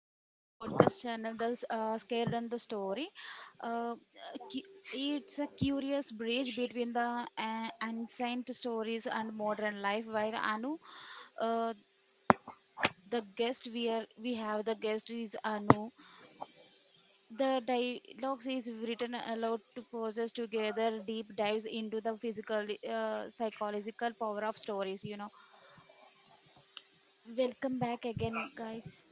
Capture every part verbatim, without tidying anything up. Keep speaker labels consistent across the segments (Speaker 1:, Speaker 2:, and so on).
Speaker 1: Welcome to the podcast channel, The S- uh, Scared and the Story. Uh, cu- it's a curious bridge between the uh, ancient stories and modern life. While Anu, uh, the guest we are, we have the guest is Anu. The dialogues is written allowed to poses together deep dives into the physical, uh, psychological power of stories. You know. Welcome back again, guys.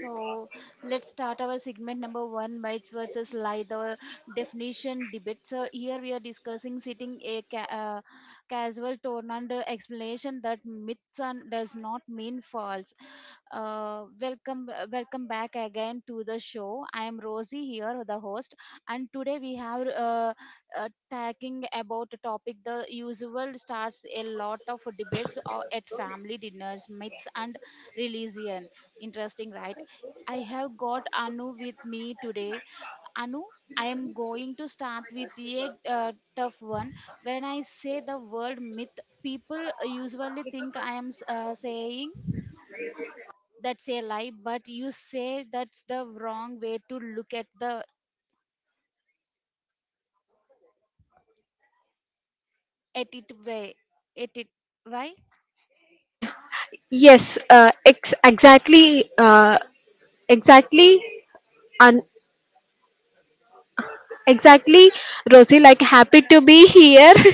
Speaker 1: So let's start our segment number one bites versus lie, the definition debate. So here we are discussing sitting a ca- uh, casual tone under explanation that myths and does not mean false. Uh, welcome, uh, welcome back again to the show. I am Rosie here, the host, and today we have uh, uh, talking about a topic the usual starts a lot of debates uh, at family dinners, myths and religion. Interesting, right? I have got Anu with me today. Anu, I am going to start with a uh, tough one. When I say the word myth, people usually think I am s- uh, saying that's a lie, but you say that's the wrong way to look at the at it way at it. Why?
Speaker 2: Yes, uh, ex- exactly, uh, exactly, and exactly, Rosie. Like, happy to be here.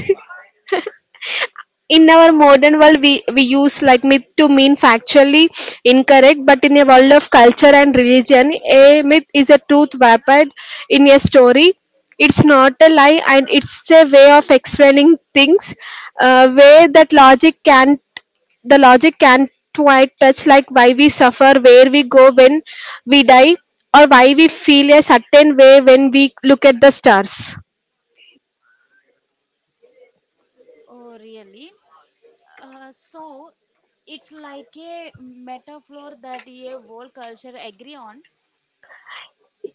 Speaker 2: In our modern world we, we use like myth to mean factually incorrect, but in a world of culture and religion a myth is a truth wrapped in a story. It's not a lie, and it's a way of explaining things uh, where that logic can't the logic can't quite touch, like why we suffer, where we go when we die, or why we feel a certain way when we look at the stars.
Speaker 1: Oh, really? Uh, so it's like a metaphor that a whole culture agree on.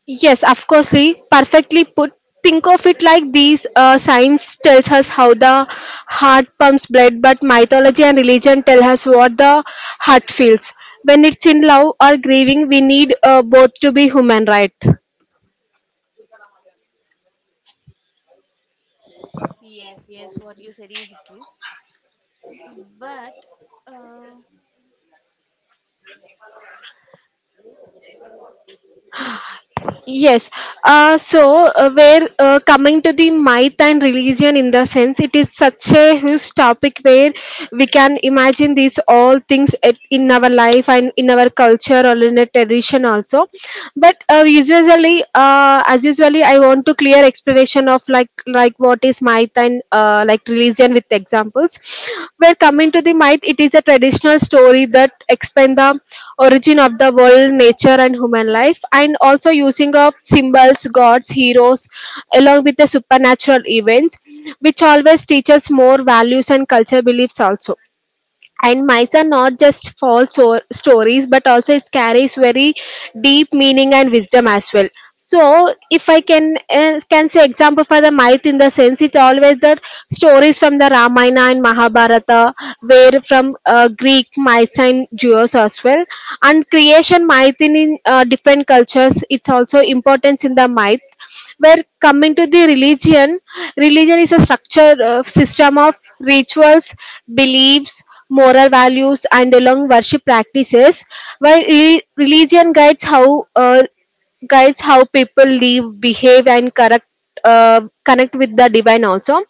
Speaker 2: Yes, of course, Lee. Perfectly put. Think of it like these. Uh, science tells us how the heart pumps blood, but mythology and religion tell us what the heart feels. When it's in love or grieving, we need uh, both to be human, right?
Speaker 1: Yes, yes, what you said is true. But uh,
Speaker 2: Yes. Uh, so, uh, where uh, coming to the myth and religion in the sense, it is such a huge topic where we can imagine these all things at, in our life and in our culture or in a tradition also. But uh, usually, uh, as usually, I want to clear explanation of like like what what is myth and uh, like religion with examples. We're coming to the myth. It is a traditional story that explains the origin of the world, nature, and human life, and also using of symbols, gods, heroes, along with the supernatural events, which always teaches more values and culture beliefs also. And myths are not just false or stories, but also it carries very deep meaning and wisdom as well. So if I can uh, can say example for the myth in the sense, it always the stories from the ramayana and mahabharata, were from uh, greek myths and jews as well, and creation myth in, in uh, different cultures, it's also importance in the myth. Where coming to the religion, religion is a structure uh, system of rituals, beliefs, moral values, and along worship practices, while re- religion guides how uh, guides how people live, behave, and correct, uh, connect with the divine also.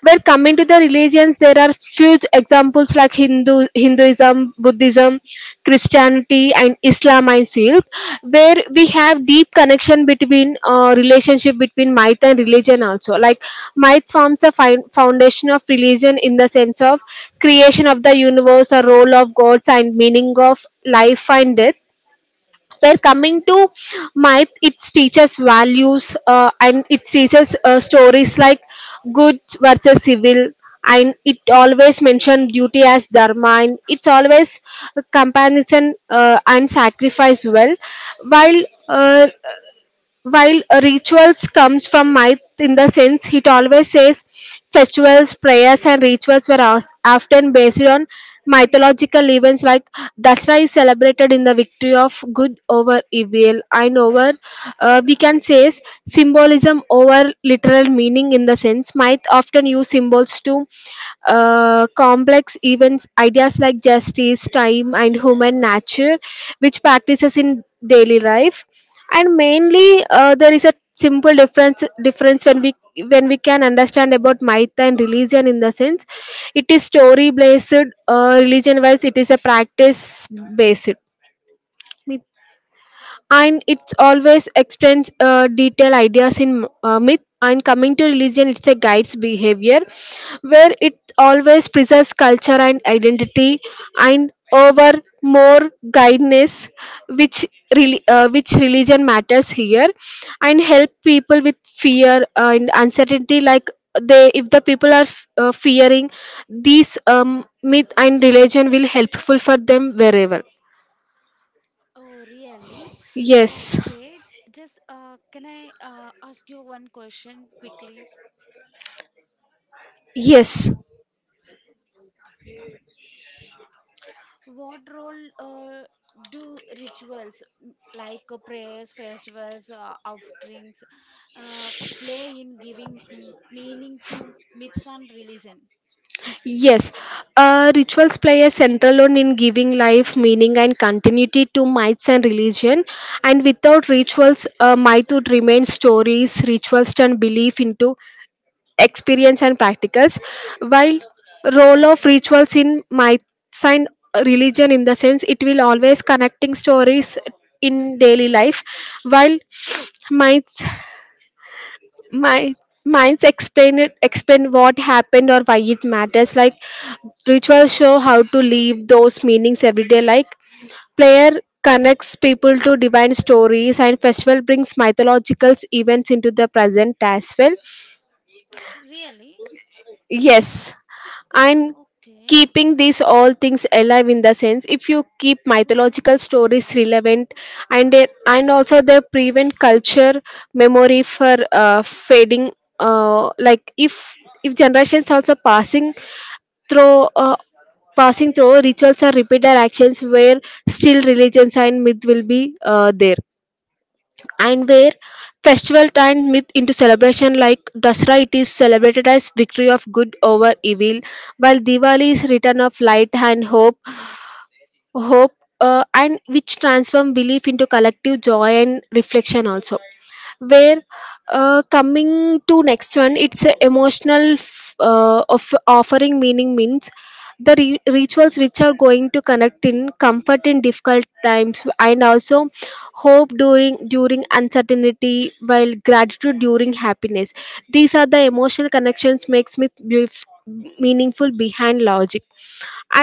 Speaker 2: Where coming to the religions, there are few examples like Hindu, Hinduism, Buddhism, Christianity, and Islam. And feel where we have deep connection between uh, relationship between myth and religion also. Like myth forms a fi- foundation of religion in the sense of creation of the universe, a role of gods, and meaning of life and death. We're coming to myth, it teaches values uh, and it teaches uh, stories like good versus evil, and it always mention duty as dharma, and it's always a comparison uh, and sacrifice well. While uh, while rituals comes from myth in the sense, it always says festivals, prayers and rituals were os- often based on mythological events, like Dasra is celebrated in the victory of good over evil. And over uh, we can say is symbolism over literal meaning in the sense myth often use symbols to uh, complex events ideas like justice, time, and human nature, which practices in daily life. And mainly, uh, there is a simple difference difference when we when we can understand about myth and religion in the sense, it is story based. Uh, religion wise, it is a practice based, and it's always explains uh, detailed ideas in uh, myth, and coming to religion, it's a guides behavior where it always preserves culture and identity, and over more guidance, which really uh, which religion matters here, and help people with fear uh, and uncertainty. Like they, if the people are f- uh, fearing these um, myth and religion will helpful for them wherever.
Speaker 1: oh, really?
Speaker 2: Yes.
Speaker 1: Okay. Just uh, can I uh, ask you one question quickly?
Speaker 2: Yes.
Speaker 1: What role uh, do rituals m- like uh, prayers, festivals, uh, offerings uh, play in giving mm, meaning to myths and religion?
Speaker 2: Yes, uh, rituals play a central role in giving life meaning and continuity to myths and religion. And without rituals, uh, myth would remain stories. Rituals turn belief into experience and practicals. While role of rituals in myths and religion in the sense, it will always connecting stories in daily life. While myths my minds explain it, explain what happened or why it matters, like rituals show how to live those meanings every day. Like player connects people to divine stories, and festival brings mythological events into the present as well.
Speaker 1: Really?
Speaker 2: Yes, and
Speaker 1: Okay.
Speaker 2: keeping these all things alive in the sense, if you keep mythological stories relevant, and they- and also they prevent culture memory for uh, fading. Uh, like if if generations also passing through uh, passing through rituals are repeated actions where still religions and myth will be uh, there. And where festival turn myth into celebration, like Dasra, it is celebrated as victory of good over evil, while Diwali is return of light and hope hope uh, and which transform belief into collective joy and reflection also. Where uh, coming to next one, it's a emotional f- uh, of offering meaning means the re- rituals which are going to connect in comfort in difficult times, and also hope during during uncertainty, while gratitude during happiness. These are the emotional connections makes me beauf- meaningful behind logic.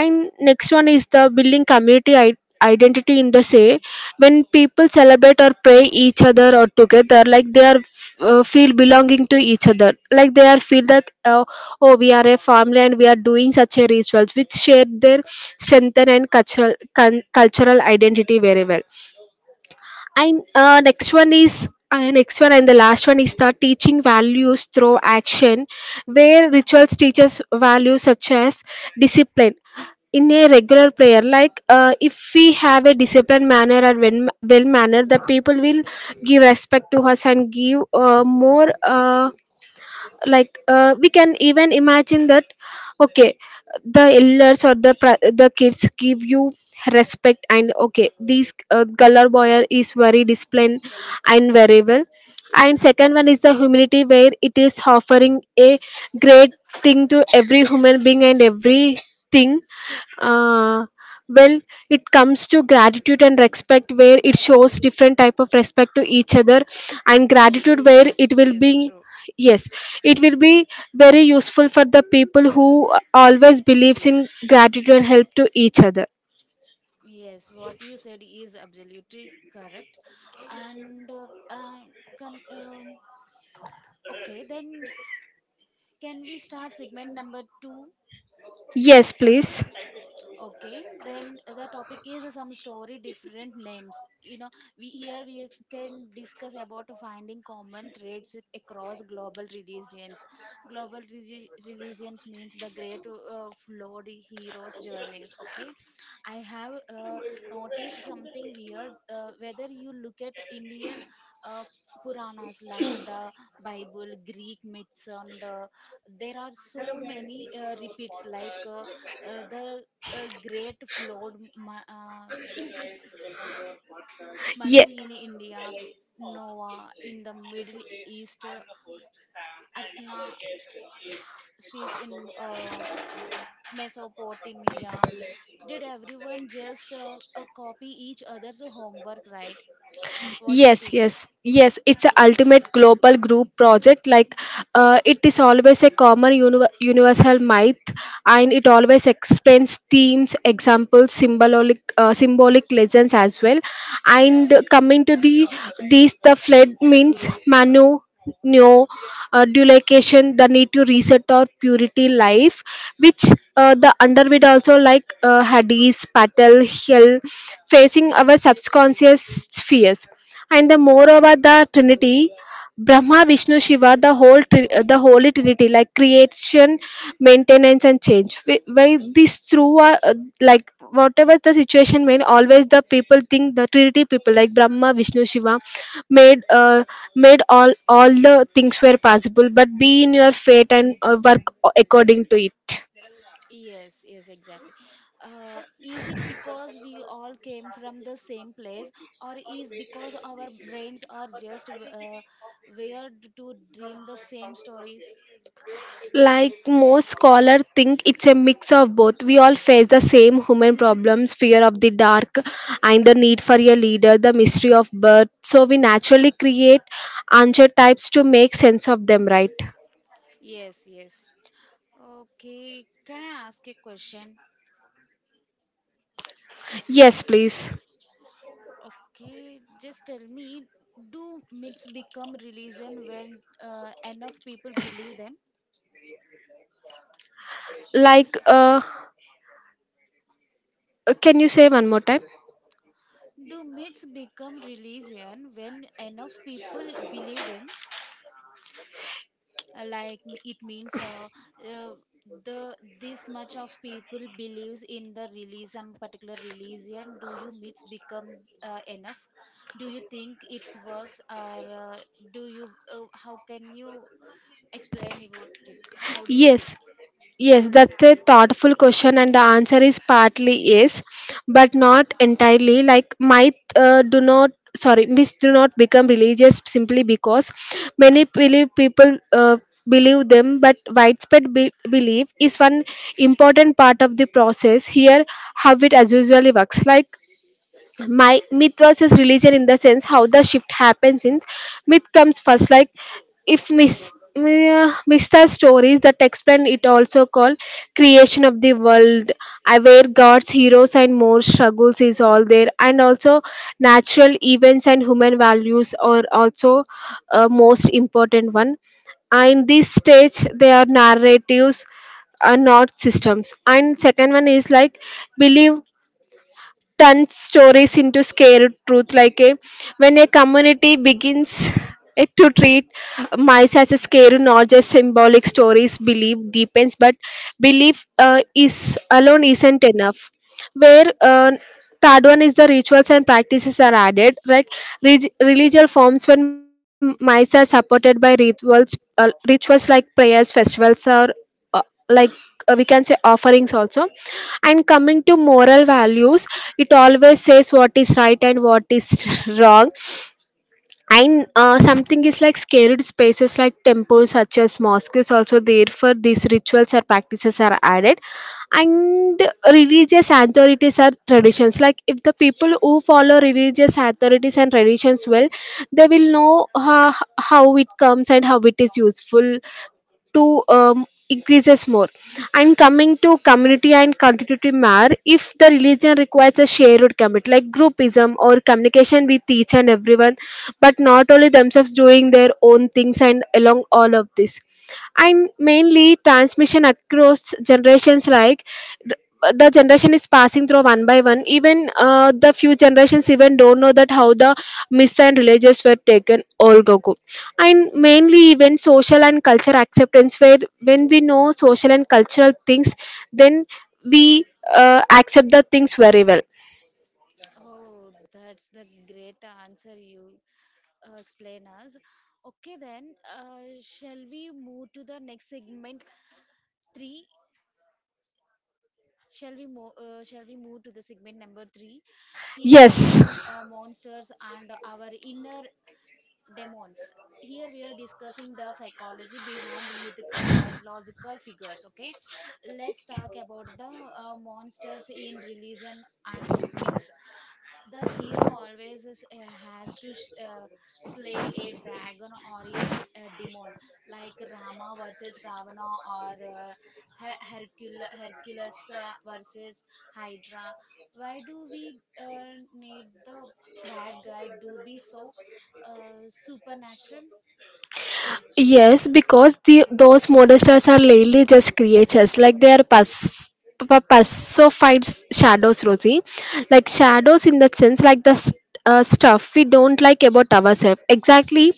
Speaker 2: And next one is the building community I- identity in the say, when people celebrate or pray each other or together, like they are uh, feel belonging to each other, like they are feel that uh, oh we are a family and we are doing such a rituals which share their strengthen and cultural con- cultural identity very well. And uh, next one is uh, next one and the last one is the teaching values through action, where rituals teaches values such as discipline in a regular prayer. Like uh, if we have a disciplined manner or well manner, the people will give respect to us and give uh, more. Uh, like uh, we can even imagine that okay, the elders or the pra- the kids give you respect, and okay, these uh, color boy is very disciplined and very well. And second one is the humility where it is offering a great thing to every human being and everything. uh, well, it comes to gratitude and respect, where it shows different type of respect to each other and gratitude where it
Speaker 1: Yes,
Speaker 2: will be.
Speaker 1: yes, true.
Speaker 2: Yes, it will be very useful for the people who always believes in gratitude and help to each other.
Speaker 1: Yes, what you said is absolutely correct. And uh, uh, come, um, okay, then can we start segment number two?
Speaker 2: Yes, please.
Speaker 1: Okay, then the topic is uh, some story different names. You know, we here we can discuss about finding common threads across global religions. Global regi- religions means the great uh, flawed heroes journeys. Okay, I have uh, noticed something weird. Uh, whether you look at Indian uh, Puranas like the Bible, Greek myths, and uh, there are so many uh, repeats, like. Uh, uh, the a great flood, Ma- uh,
Speaker 2: Yeah.
Speaker 1: Manu in India, Noah in the Middle East, Atna space in uh, Mesopotamia. Did everyone just uh, uh, copy each other's homework, right? What do you
Speaker 2: Yes,
Speaker 1: think?
Speaker 2: yes, yes. It's a ultimate global group project. Like, uh, it is always a common uni- universal myth, and it always explains themes, examples, symbolic, uh, symbolic lessons as well. And coming to the these, the flood means Manu. No, uh, duplication, the need to reset our purity life, which uh, the underbit also, like uh, Hades, Patel, Hill, facing our subconscious fears. And the moreover the trinity, brahma vishnu shiva, the whole tri- the holy trinity, like creation, maintenance, and change. Wh- why this through uh, uh, like whatever the situation may, always the people think the trinity people like brahma vishnu shiva made uh, made all all the things were possible, but be in your fate and uh, work according to it.
Speaker 1: Yes, yes, exactly. Uh, is it because we all came from the same place, or is because our brains are just uh, wired to dream the same stories?
Speaker 2: Like most scholars think it's a mix of both. We all face the same human problems, fear of the dark and the need for a leader, the mystery of birth. So we naturally create archetypes to make sense of them, right?
Speaker 1: Yes, yes. Okay, can I ask a question?
Speaker 2: Yes, please.
Speaker 1: Okay, just tell me, do myths become religion when uh, enough people believe them?
Speaker 2: Like, uh can you say one more time?
Speaker 1: Do myths become religion when enough people believe them? Uh, like, m- it means, uh, uh, the this much of people believes in the release some particular religion. Do you myths become uh, enough? Do you think it's works? Or uh, do you, uh, how can you explain about it? How do you think?
Speaker 2: Yes. Yes, that's a thoughtful question, and the answer is partly yes, but not entirely. Like might uh, do not, sorry, myths do not become religious simply because many believe people uh, believe them, but widespread be- belief is one important part of the process. Here, how it as usually works, like my myth versus religion in the sense how the shift happens in myth comes first. Like if mis, uh, mister Stories that explain it, also called creation of the world, uh, where gods, heroes, and more struggles is all there, and also natural events and human values are also uh, most important one. Uh, in this stage, they are narratives, are not systems. And second one is like believe turn stories into scared truth like a, when a community begins eh, to treat mice as a scare, not just symbolic stories. Belief deepens, but belief uh, is alone isn't enough. Where uh, Third one is the rituals and practices are added like reg- religious forms. When mice are supported by rituals, uh, rituals like prayers, festivals, or uh, like uh, we can say offerings also. And coming to moral values, it always says what is right and what is wrong. And uh, something is like sacred spaces, like temples such as mosques, also there for these rituals or practices are added. And religious authorities are traditions, like if the people who follow religious authorities and traditions well, they will know how, how it comes and how it is useful to um, increases more. And coming to community and contributive matter, if the religion requires a shared commit, like groupism or communication with each and everyone, but not only themselves doing their own things and along all of this. And mainly transmission across generations, like th- the generation is passing through one by one. Even uh, the few generations even don't know that how the myths and religions were taken all go go. And
Speaker 1: Really?
Speaker 2: mainly even social and cultural acceptance, where when we know social and cultural things, then we uh, accept the things very well.
Speaker 1: Oh, that's the great answer you uh, explain us. Okay, then, uh, shall we move to the next segment three? Shall we mo- uh, shall we move to the segment number three, heroes,
Speaker 2: Yes.
Speaker 1: um, uh, monsters, and our inner demons. Here we are discussing the psychology behind myth- uh, mythological figures. Okay, let's talk about the uh, monsters in religion and myths. The hero always is, uh, has to s- uh, slay a dragon or a, uh demon, like Rama versus Ravana, or uh, Her- Hercul- Hercules uh, versus Hydra. Why do we uh, need the bad guy to be so uh, supernatural?
Speaker 2: Yes, because the those model stars are lately just creatures, like they are pus pa- pacified shadows, Rosie. Like shadows in that sense, like the st- uh, stuff we don't like about ourselves. Exactly,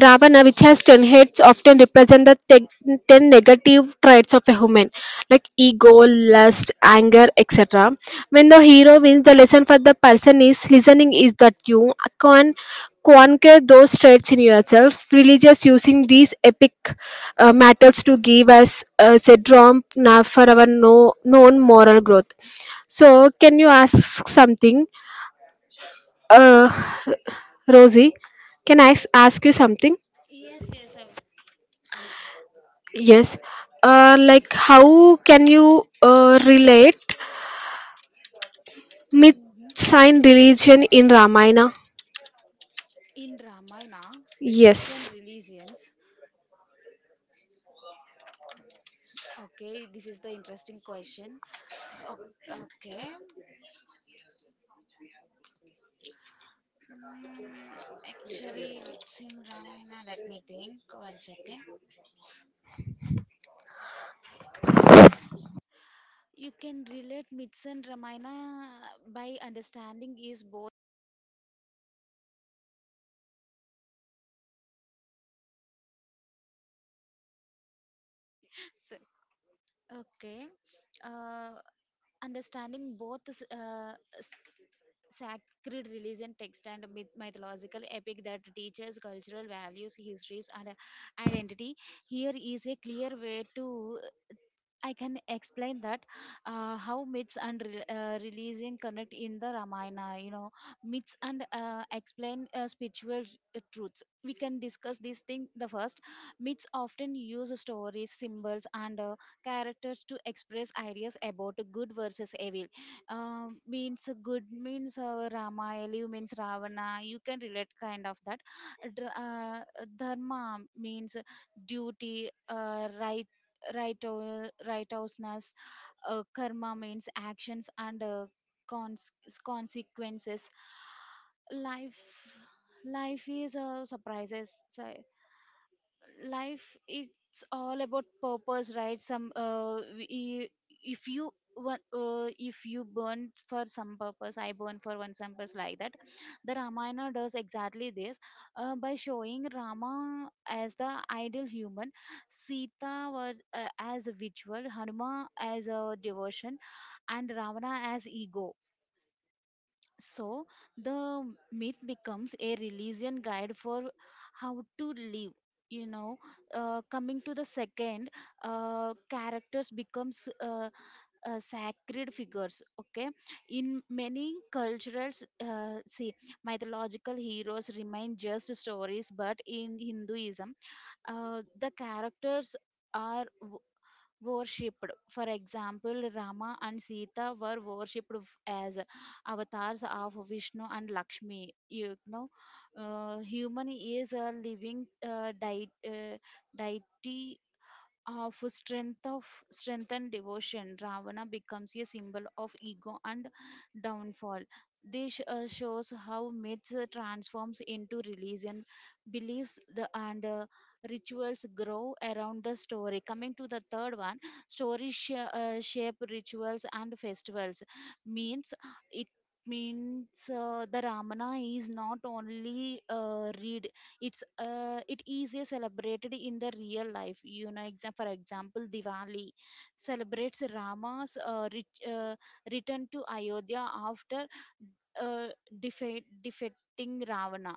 Speaker 2: Ravana, which has ten heads, often represent the te- ten negative traits of a human, like ego, lust, anger, etc. When the hero wins, the lesson for the person is listening is that you can conquer those traits in yourself. Religious using these epic uh, matters to give us uh, a drum now for our no, known moral growth. So can you ask something, uh, Rosie? Can I s- ask you something?
Speaker 1: Yes, yes, I've asked.
Speaker 2: Yes. Uh, like how can you uh, relate myth
Speaker 1: Mhm.
Speaker 2: sign religion in Ramayana?
Speaker 1: In Ramayana, myths and
Speaker 2: Yes.
Speaker 1: religions. Okay, this is the interesting question. O- Okay. Mm, Actually, it's in Ramayana. Let me think. One second. You can relate myths and Ramayana by understanding is both. So- Okay. Uh, Understanding both s- uh, s- sacred religion text and myth- mythological epic that teaches cultural values, histories, and uh, identity. Here is a clear way to I can explain that uh, how myths and re- uh, religion connect in the Ramayana. You know, myths and uh, explain uh, spiritual uh, truths. We can discuss this thing. The first myths often use stories, symbols, and uh, characters to express ideas about good versus evil. Um means good means uh, Rama, evil means Ravana. You can relate kind of that. Dr- Uh, Dharma means duty, uh, right righteo- righteousness, uh, karma means actions and uh, cons- consequences. Life, life is a surprises, so life it's all about purpose, right? Some, uh, we- e, if you wa- uh, if you burn for some purpose, I burn for one some purpose, like that. The Ramayana does exactly this uh, by showing Rama as the ideal human, Sita was uh, as a ritual, Hanuman as a devotion, and Ravana as ego. So the myth becomes a religion guide for how to live. You know, uh, coming to the second, uh, characters becomes uh, uh, sacred figures. Okay, in many cultures, uh, see mythological heroes remain just stories, but in Hinduism, uh, the characters are worshipped. For example, Rama and Sita were worshipped f- as avatars of Vishnu and Lakshmi. You know, uh, human is a living uh, dei- uh, deity of strength of strength and devotion. Ravana becomes a symbol of ego and downfall. This uh, shows how myths uh, transforms into religion beliefs the, and uh, rituals grow around the story. Coming to the third one, story sh- uh, shape rituals and festivals, means it means uh, the Ramana is not only uh, read, it's uh, it is a celebrated in the real life. You know, exam- for example, Diwali celebrates Rama's uh, ret- uh, return to Ayodhya after uh, defeat, defeating Ravana,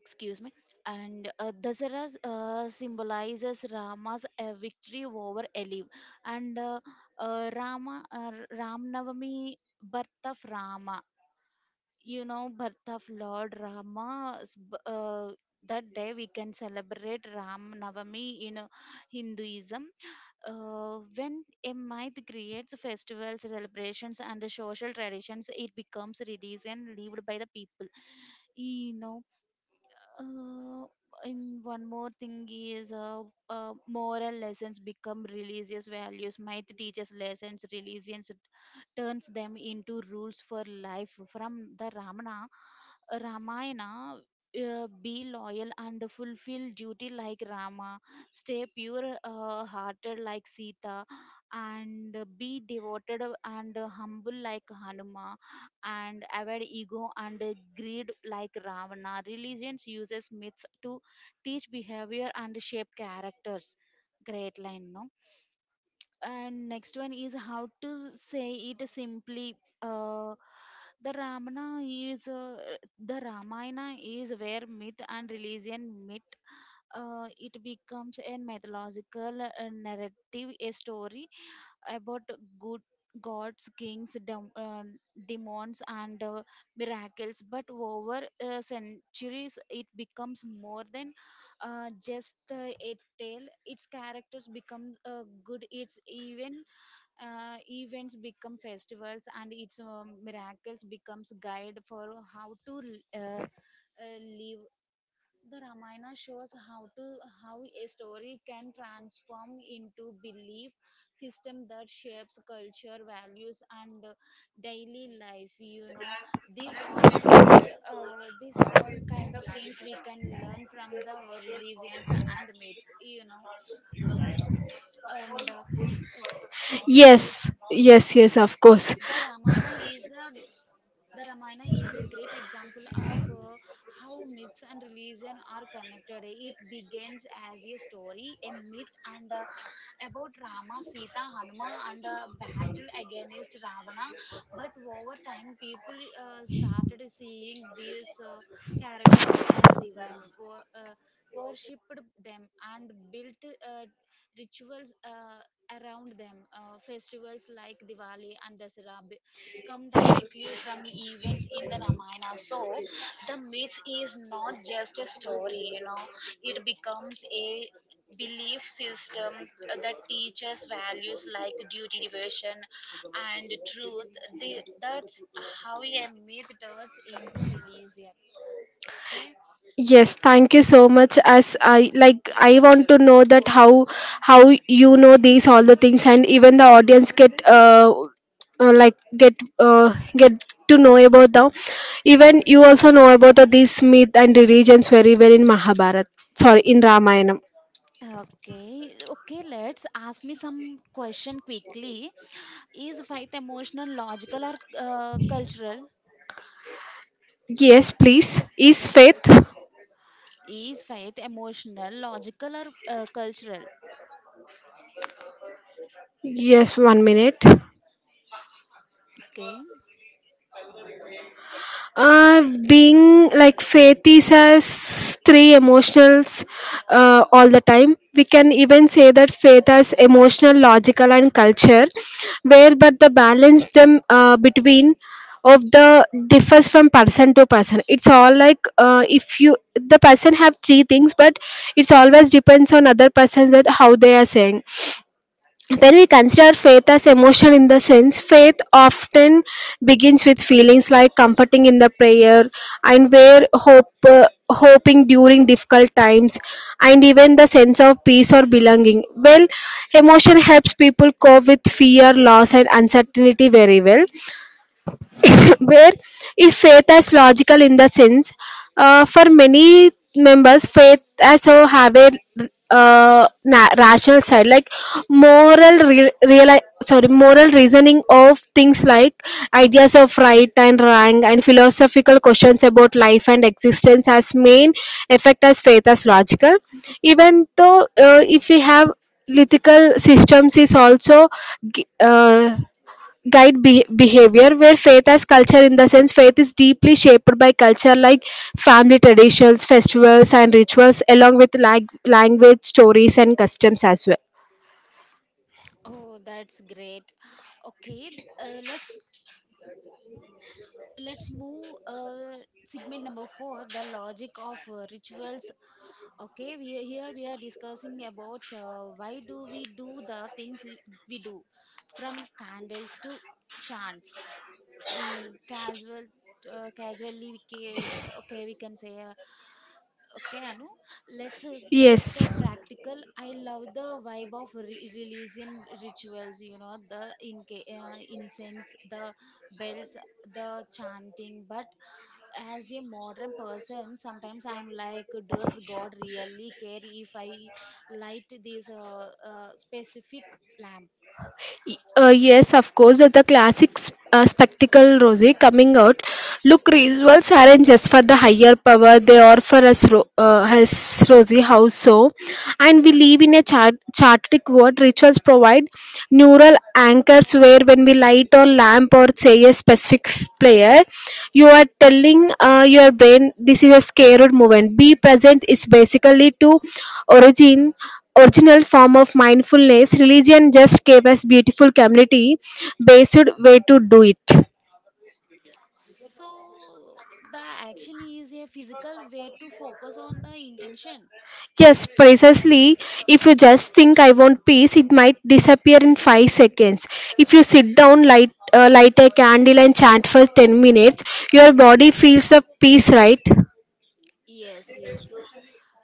Speaker 1: excuse me, and uh, Dasara uh, symbolizes Rama's uh, victory over Eliv, and uh, uh, Rama uh, Ram Navami, birth of Rama. You know, birth of Lord Rama, s- b- uh, that day we can celebrate Ram Navami in uh, Hinduism. Uh, when a myth creates festivals, celebrations and social traditions, it becomes religion lived by the people. You know, uh, and one more thing is uh, uh, moral lessons become religious values. Myth teaches lessons, religions turns them into rules for life. From the ramana Ramayana, uh, be loyal and fulfill duty like Rama, stay pure uh, hearted like Sita, and be devoted and humble like Hanuma, and avoid ego and greed like Ravana. Religions uses myths to teach behavior and shape characters. Great line, no? And next one is how to s- say it simply. uh, the ramana is uh, the Ramayana is where myth and religion meet. Uh, it becomes a mythological uh, narrative, a story about good, gods, kings, dem- uh, demons and uh, miracles, but over uh, centuries it becomes more than uh, just uh, a tale. Its characters become uh, good, its even uh, events become festivals, and its um miracles becomes guide for how to uh, uh, live. The Ramayana shows how to how a story can transform into belief system that shapes culture, values, and uh, daily life. You know, these all things, uh, these all kind of things we can learn from the religions and myths. You know, and uh, uh, the
Speaker 2: Yes.
Speaker 1: myths.
Speaker 2: Yes, yes, of course.
Speaker 1: The Ramayana is the the Ramayana is a great example of uh, how myths and religion are connected. It begins as a story, a myth, and uh, about Rama, Sita, Hanuma, and uh, battle against Ravana. But over time, people uh, started seeing these uh, characters as divine. Wo- Uh, worshipped them and built uh, rituals uh, around them. Uh, festivals like Diwali and Dasara be- come directly from events in the Ramayana. So the myth is not just a story, you know, it becomes a belief system that teaches values like duty, devotion, and truth. The, that's how a myth turns into religion. Okay.
Speaker 2: Yes, thank you so much. As I like, I want to know that how how you know these all the things, and even the audience get uh, uh like get uh get to know about the, even you also know about the these myth and religions very well in Mahabharat. Sorry, in Ramayana.
Speaker 1: Okay, okay, let's ask me some question quickly. Is faith emotional, logical, or uh, cultural?
Speaker 2: Yes, please. Is faith?
Speaker 1: Is faith emotional, logical, or uh, cultural?
Speaker 2: Yes, one minute.
Speaker 1: Okay.
Speaker 2: Uh, Being like, faith is has three emotionals uh, all the time. We can even say that faith has emotional, logical, and culture, where but the balance them uh, between of the differs from person to person. It's all like, uh, if you the person have three things, but it's always depends on other persons that how they are saying. When we consider faith as emotion, in the sense, faith often begins with feelings like comforting in the prayer, and where hope, uh, hoping during difficult times, and even the sense of peace or belonging. Well, emotion helps people cope with fear, loss, and uncertainty very well. Where if faith as logical, in the sense, uh, for many members faith also have a uh, na- rational side, like moral re- reali- sorry, moral reasoning of things, like ideas of right and wrong, and philosophical questions about life and existence, as main effect as faith as logical. Even though uh, if we have lithical systems is also gi- uh, guide be- behavior. Where faith as culture, in the sense, faith is deeply shaped by culture, like family traditions, festivals, and rituals, along with lag- language, stories, and customs as well.
Speaker 1: Oh, that's great. Okay, uh, let's let's move, uh, segment number four, the logic of uh, rituals. Okay, we are- here we are discussing about uh, why do we do the things we we do, from candles to chants. ఈ casual, uh, casually we ca- okay we can say, uh, okay Anu, let's uh, get uh,
Speaker 2: Yes.
Speaker 1: practical. I love the vibe of re- religion rituals, you know, the in, uh, incense, the bells, the chanting, but as a modern person sometimes I'm like, does God really care if I light this uh, uh, specific lamp?
Speaker 2: Uh, yes, of course, the classic sp- uh, spectacle, Rosie, coming out. Look, rituals aren't just for the higher power, they are for us, Ro- uh, us, Rosie. How so? And we live in a chart- chartic world. Rituals provide neural anchors, where when we light or lamp or say a specific f- prayer, you are telling uh, your brain this is a scared moment. Be present is basically to origin original form of mindfulness. Religion just gave us beautiful community based way to do it.
Speaker 1: So the action is a physical way to focus on the intention.
Speaker 2: Yes, precisely. If you just think I want peace, it might disappear in five seconds. If you sit down, light uh, light a candle and chant for ten minutes, your body feels the peace, right?
Speaker 1: Yes, yes.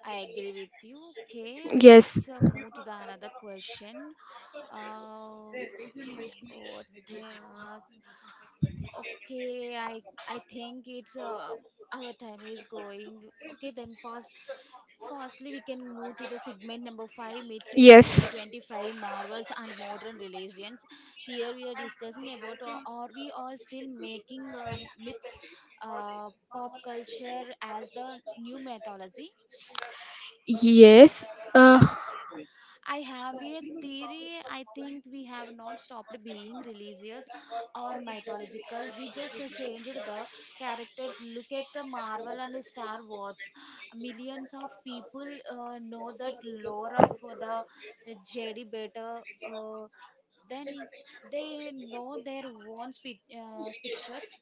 Speaker 1: I agree with you. Okay,
Speaker 2: Yes,
Speaker 1: let's uh, move to the another question. Uh, what I ask? Okay, I I think it's uh, our time is going. Okay, then first, firstly we can move to the segment number five, myths in
Speaker 2: yes,
Speaker 1: twenty twenty-five, marvels and modern religions. Here we are discussing about uh, are we all still making uh, myths, uh, pop culture as the new mythology?
Speaker 2: yes. uh,
Speaker 1: I have a theory. I think we have not stopped being religious or mythological. We just changed the characters. Look at the Marvel and Star Wars. Millions of people uh, know that lore of the Jedi better uh, than they know their own spi- uh, pictures,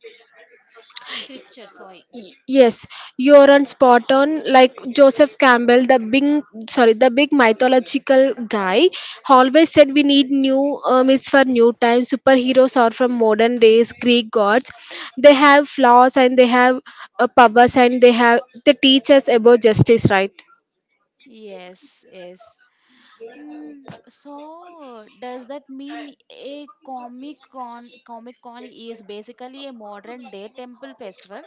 Speaker 1: scripture. Sorry.
Speaker 2: Y- Yes, you're on spot on. Like Joseph Campbell, the big, sorry, the big mythological guy, always said we need new uh, myths for new times. Superheroes are from modern days Greek gods. They have flaws, and they have uh, powers, and they have they teach us about justice, right?
Speaker 1: Yes, yes. Mm, so does that mean a Comic Con Comic Con is basically a modern day temple festival?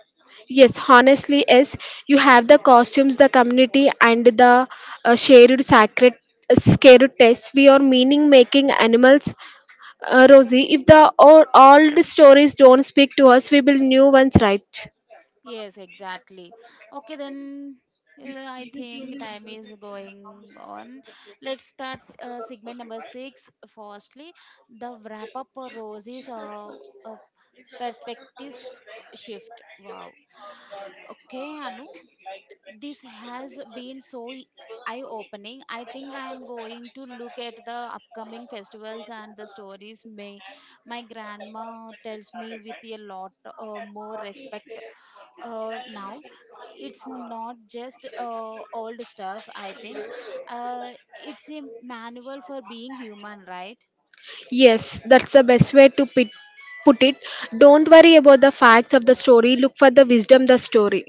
Speaker 2: Yes, honestly, yes. You have the costumes, the community, and the uh, shared sacred uh, scared test. We are meaning making animals. Uh, Rosie, if the old, old stories don't speak to us, we will new ones, right.
Speaker 1: Yes, exactly. Okay, then uh, I think time is going on. Let's start uh, segment number six. Firstly, the wrap up for Rosie's uh, uh, perspective shift. Wow. Okay, Anu. This has been so eye opening. I think I am going to look at the upcoming festivals and the stories may my grandma tells me with a lot uh, more respect uh, now. It's not just uh, old stuff, I think. Uh, it's a manual for being human, right?
Speaker 2: Yes, that's the best way to pit, put it. Don't worry about the facts of the story. Look for the wisdom the story.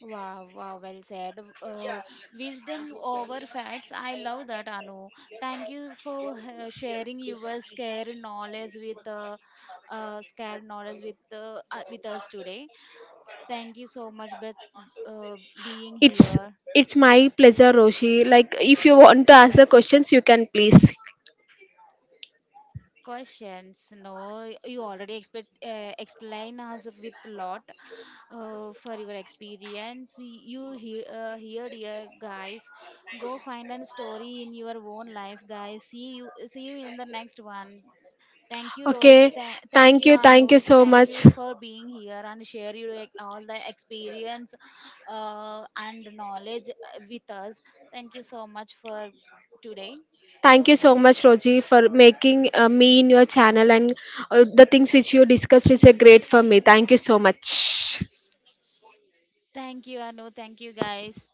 Speaker 1: Wow, wow, well said. Uh, wisdom over facts. I love that, Anu. Thank you for uh, sharing your scare knowledge with uh, uh, scare knowledge with uh, uh, with us today. Thank you so much for uh, being
Speaker 2: It's
Speaker 1: here.
Speaker 2: it's my pleasure, Roshi. Like if you want to ask the questions, you can, please.
Speaker 1: Questions? No, you already expect uh, explain us with lot uh, for your experience. You hear, uh, here, dear guys, go find a story in your own life, guys. See you, see you in the next one. Thank you, Rose.
Speaker 2: Okay.
Speaker 1: Th- thank
Speaker 2: Thank
Speaker 1: you,
Speaker 2: you.
Speaker 1: Anu.
Speaker 2: Thank you so
Speaker 1: Thank
Speaker 2: much.
Speaker 1: you for being here and share your ex- all the experience uh, and knowledge uh, with us. Thank you so much for today.
Speaker 2: Thank you so much, Roji, for making uh, me in your channel, and uh, the things which you discussed is a great for me. Thank you so much.
Speaker 1: Thank you, Anu. Thank you, guys.